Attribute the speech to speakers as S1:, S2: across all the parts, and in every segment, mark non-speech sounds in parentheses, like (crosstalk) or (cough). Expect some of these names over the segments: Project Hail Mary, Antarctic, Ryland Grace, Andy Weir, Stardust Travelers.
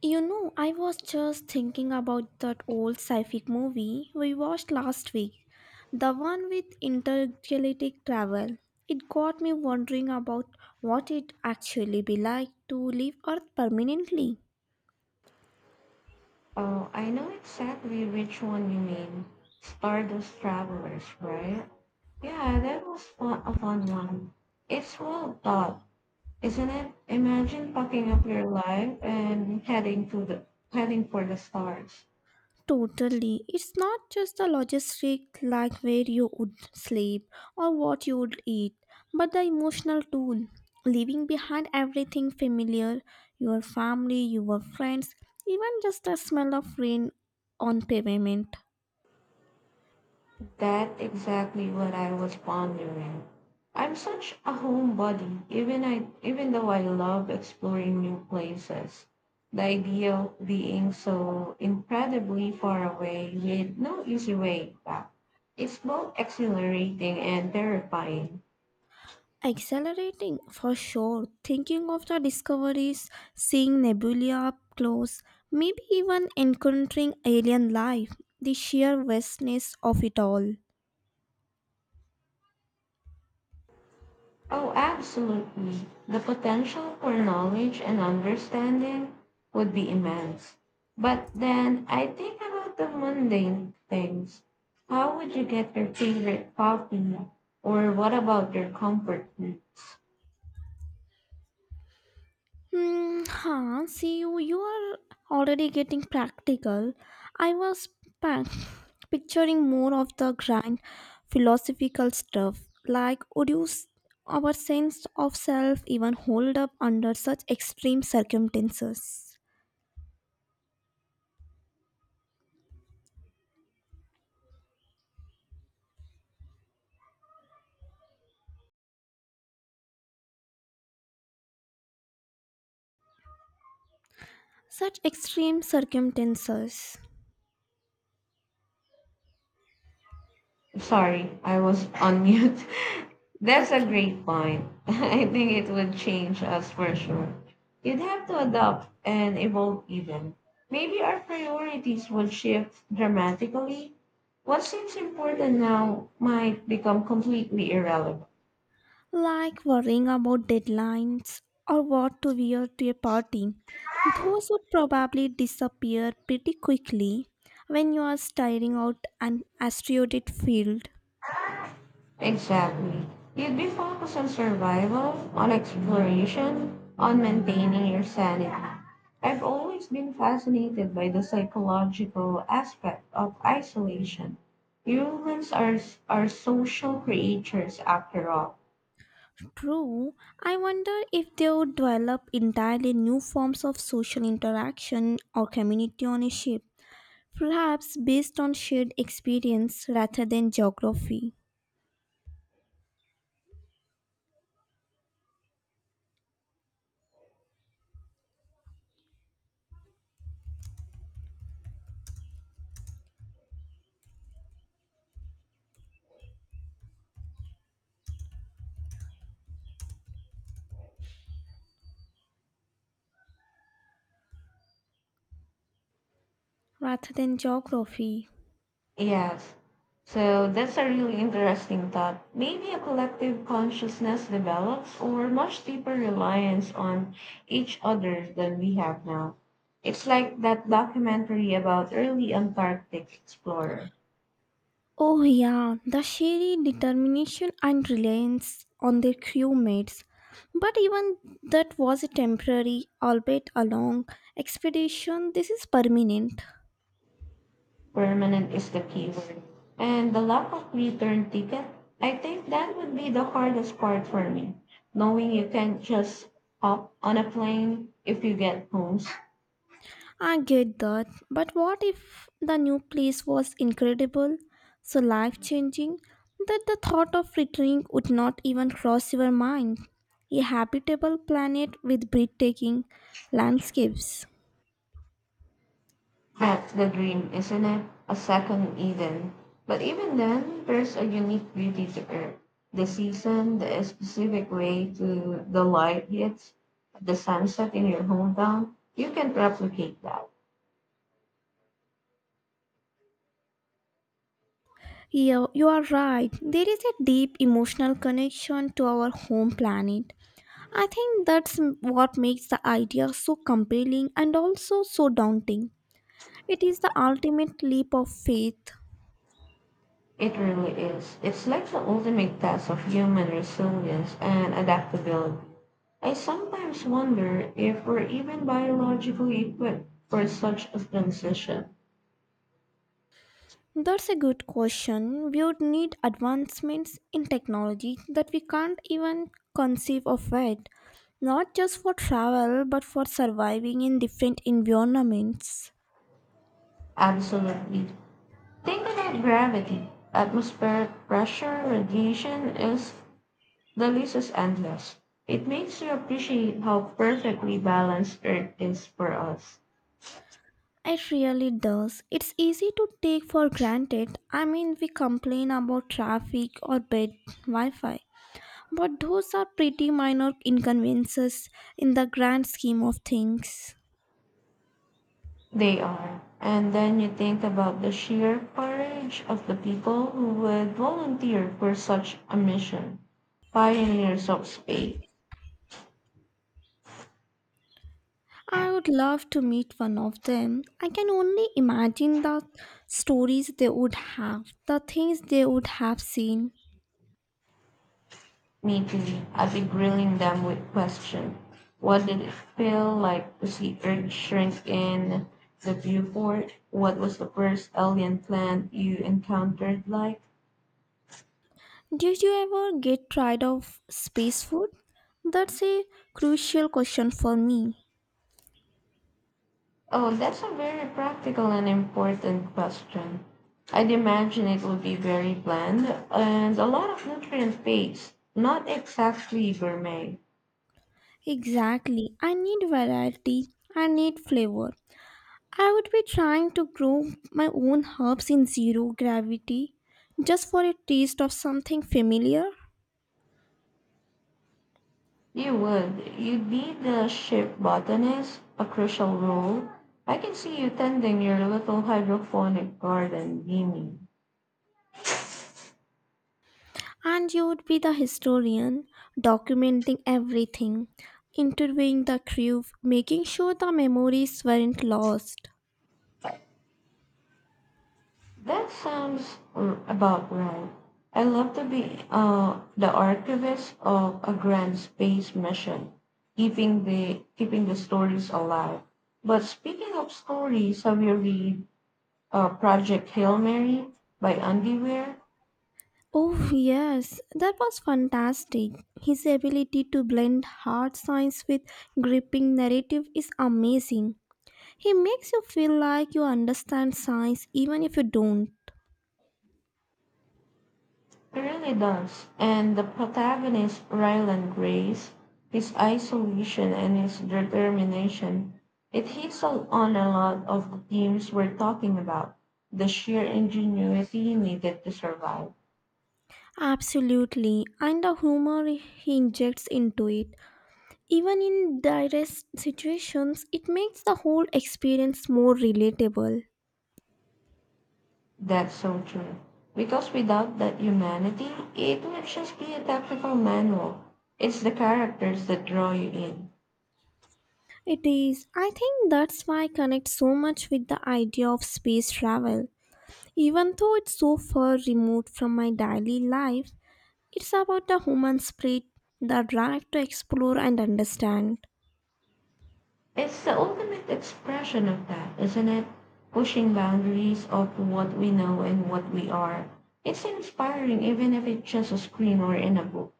S1: I was just thinking about that old sci-fi movie we watched last week, the one with intergalactic travel. It got me wondering about what it actually be like to leave Earth permanently.
S2: Oh, I know exactly which one you mean. Stardust Travelers, right? Yeah, that was fun, a fun one. It's well thought, isn't it? Imagine packing up your life and heading for the stars.
S1: Totally. It's not just the logistic, like where you would sleep or what you would eat, but the emotional toll. Leaving behind everything familiar, your family, your friends, even just the smell of rain on pavement.
S2: That exactly what I was pondering. I'm such a homebody, even though I love exploring new places. The idea of being so incredibly far away with no easy way back is both exhilarating and terrifying.
S1: Accelerating, for sure. Thinking of the discoveries, seeing nebulae up close, maybe even encountering alien life, the sheer vastness of it all.
S2: Oh, absolutely. The potential for knowledge and understanding would be immense. But then I think about the mundane things. How would you get your favorite coffee? Or what about your comfort foods?
S1: See you are already getting practical. I was pa- picturing more of the grand philosophical stuff. Like, our sense of self even hold up under such extreme circumstances? Such extreme circumstances.
S2: Sorry, I was on mute. (laughs) That's a
S1: Okay.
S2: great point. (laughs) I think it would change us for sure. You'd have to adapt and evolve even. Maybe our priorities would shift dramatically. What seems important now might become completely irrelevant.
S1: Like worrying about deadlines or what to wear to a party. Those would probably disappear pretty quickly when you are staring out an asteroid field.
S2: Exactly. You'd be focused on survival, on exploration, on maintaining your sanity. I've always been fascinated by the psychological aspect of isolation. Humans are social creatures after all.
S1: True, I wonder if they would develop entirely new forms of social interaction or community on a ship, perhaps based on shared experience rather than geography. Rather than geography.
S2: Yes. So that's a really interesting thought. Maybe a collective consciousness develops or much deeper reliance on each other than we have now. It's like that documentary about early Antarctic explorer.
S1: Oh, yeah, the sheer determination and reliance on their crewmates. But even that was a temporary, albeit a long, expedition. This is permanent.
S2: Permanent is the keyword. And the lack of return ticket, I think that would be the hardest part for me. Knowing you can't just hop on a plane if you get home.
S1: I get that. But what if the new place was incredible, so life changing, that the thought of returning would not even cross your mind? A habitable planet with breathtaking landscapes.
S2: That's the dream, isn't it? A second Eden. But even then, there's a unique beauty to it. The season, the specific way to the light hits, the sunset in your hometown, you can't replicate that.
S1: Yeah, you are right. There is a deep emotional connection to our home planet. I think what makes the idea so compelling and also so daunting. It is the ultimate leap of faith.
S2: It really is. It's like the ultimate test of human resilience and adaptability. I sometimes wonder if we're even biologically equipped for such a transition.
S1: That's a good question. We would need advancements in technology that we can't even conceive of yet, not just for travel but for surviving in different environments.
S2: Absolutely. Think about gravity. Atmospheric pressure, radiation, is the list is endless. It makes you appreciate how perfectly balanced Earth is for us.
S1: It really does. It's easy to take for granted. I mean, we complain about traffic or bad Wi Fi, but those are pretty minor inconveniences in the grand scheme of things.
S2: They are. And then you think about the sheer courage of the people who would volunteer for such a mission, pioneers of space.
S1: I would love to meet one of them. I can only imagine the stories they would have, the things they would have seen.
S2: Meeting, I'd be grilling them with questions. What did it feel like to see Earth shrink in the viewport? What was the first alien plant you encountered like?
S1: Did you ever get tired of space food? That's a crucial question for me.
S2: Oh, that's a very practical and important question. I'd imagine it would be very bland and a lot of nutrient based, not exactly gourmet.
S1: Exactly. I need variety. I need flavor. I would be trying to grow my own herbs in zero gravity just for a taste of something familiar.
S2: You would. You'd be the ship botanist, a crucial role. I can see you tending your little hydroponic garden, beaming.
S1: And you would be the historian, documenting everything, interviewing the crew, making sure the memories weren't lost.
S2: About right. I love to be the archivist of a grand space mission, keeping the stories alive. But speaking of stories, have you read Project Hail Mary by Andy Weir?
S1: Oh, yes, that was fantastic. His ability to blend hard science with gripping narrative is amazing. He makes you feel like you understand science even if you don't.
S2: He really does. And the protagonist, Ryland Grace, his isolation and his determination, it hits on a lot of the themes we're talking about. The sheer ingenuity needed to survive.
S1: Absolutely. And the humor he injects into it, even in direst situations, it makes the whole experience more relatable.
S2: That's so true. Because without that humanity, it would just be a technical manual. It's the characters that draw you in.
S1: It is. I think that's why I connect so much with the idea of space travel. Even though it's so far removed from my daily life, it's about the human spirit, the drive to explore and understand.
S2: It's the ultimate expression of that, isn't it? Pushing boundaries of what we know and what we are. It's inspiring, even if it's just a screen or in a book.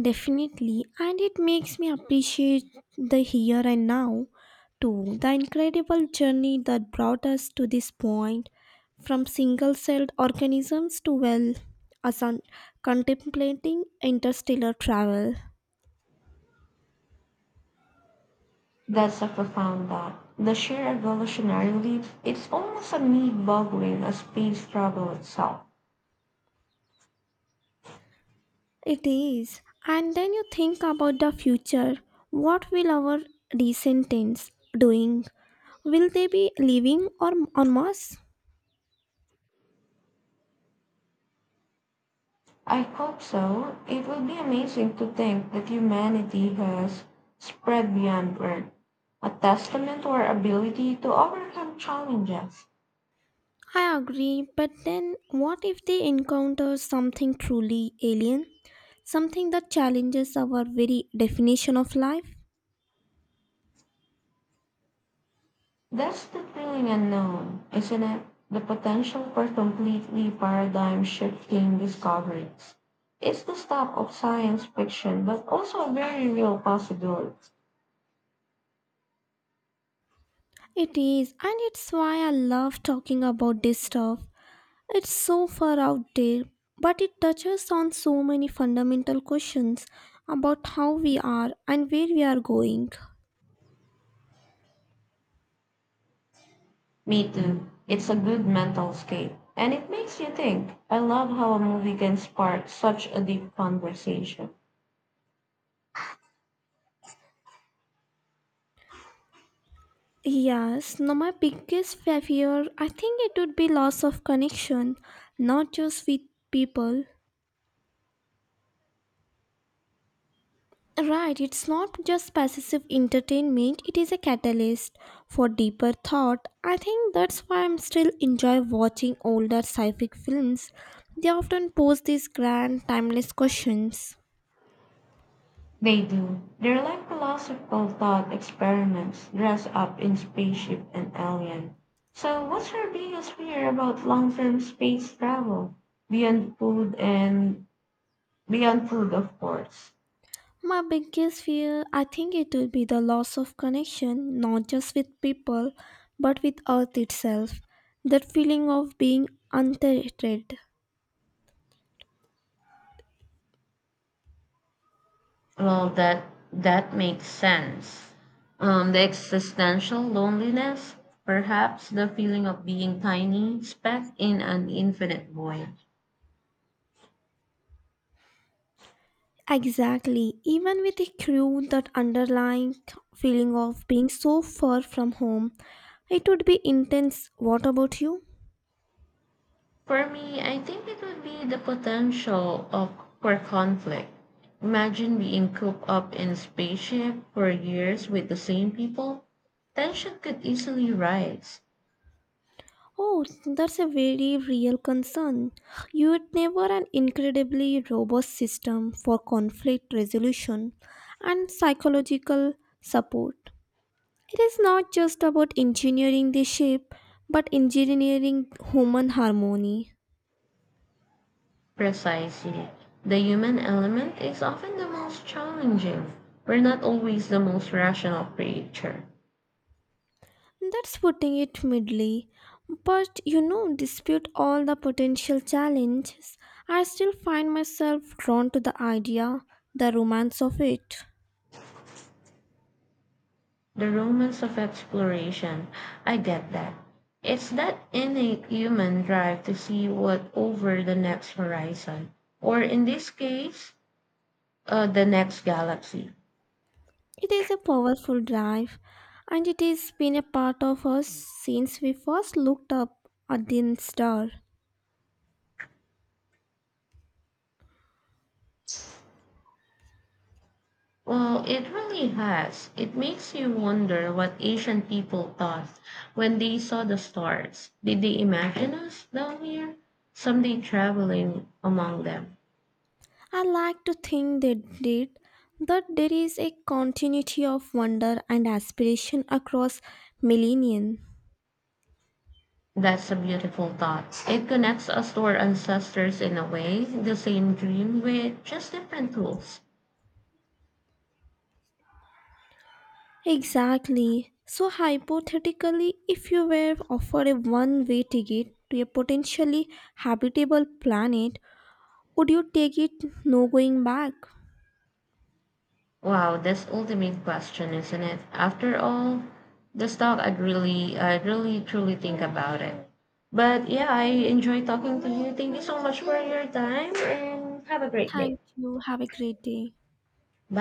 S1: Definitely, and it makes me appreciate the here and now too. The incredible journey that brought us to this point, from single celled organisms to, well, us un- contemplating interstellar travel.
S2: That's a profound thought. The sheer evolutionary leap, it's almost a need boggling as space struggle itself.
S1: It is. And then you think about the future. What will our descendants doing? Will they be living or on Mars?
S2: I hope so. It will be amazing to think that humanity has spread beyond Earth, a testament to our ability to overcome challenges.
S1: I agree, but then what if they encounter something truly alien? Something that challenges our very definition of life?
S2: That's the thrilling unknown, isn't it? The potential for completely paradigm shifting discoveries. It's the stuff of science fiction, but also a very real possibility.
S1: It is, and it's why I love talking about this stuff. It's so far out there, but it touches on so many fundamental questions about how we are and where we are going.
S2: Me too. It's a good mental scape. And it makes you think. I love how a movie can spark such a deep conversation.
S1: Yes, no, my biggest fear, I think it would be loss of connection, not just with people, right, it's not just passive entertainment, it is a catalyst for deeper thought. I think that's why I'm still enjoy watching older sci-fi films. They often pose these grand timeless questions.
S2: They do. They're like philosophical thought experiments dressed up in spaceship and alien. So, what's your biggest fear about long-term space travel beyond food and beyond food, of course?
S1: My biggest fear, I think it will be the loss of connection, not just with people, but with earth itself. That feeling of being untethered.
S2: Well, that makes sense. The existential loneliness, perhaps the feeling of being tiny speck in an infinite void.
S1: Exactly. Even with a crew, that underlying feeling of being so far from home, it would be intense. What about you?
S2: For me, I think it would be the potential of for conflict. Imagine being cooped up in a spaceship for years with the same people. Tension could easily rise.
S1: Oh, that's a very real concern. You would never an incredibly robust system for conflict resolution and psychological support. It is not just about engineering the ship, but engineering human harmony.
S2: Precisely. The human element is often the most challenging. We're not always the most rational creature.
S1: That's putting it mildly. But you know, despite all the potential challenges, I still find myself drawn to the idea, the romance of it.
S2: The romance of exploration, I get that. It's that innate human drive to see what over the next horizon, or in this case, the next galaxy.
S1: It is a powerful drive, and it has been a part of us since we first looked up at the star.
S2: Well, it really has. It makes you wonder what ancient people thought when they saw the stars. Did they imagine us down here, someday traveling among them?
S1: I like to think they did that there is a continuity of wonder and aspiration across millennia.
S2: That's a beautiful thought. It connects us to our ancestors in a way, the same dream with just different tools.
S1: Exactly. So, hypothetically, if you were offered a one way ticket to a potentially habitable planet, would you take it no going back?
S2: Wow, that's ultimate question, isn't it? After all, the stock I'd really truly think about it. But yeah, I enjoy talking to you. Thank you so much for your time and have a great day.
S1: Thank you. Have a great day.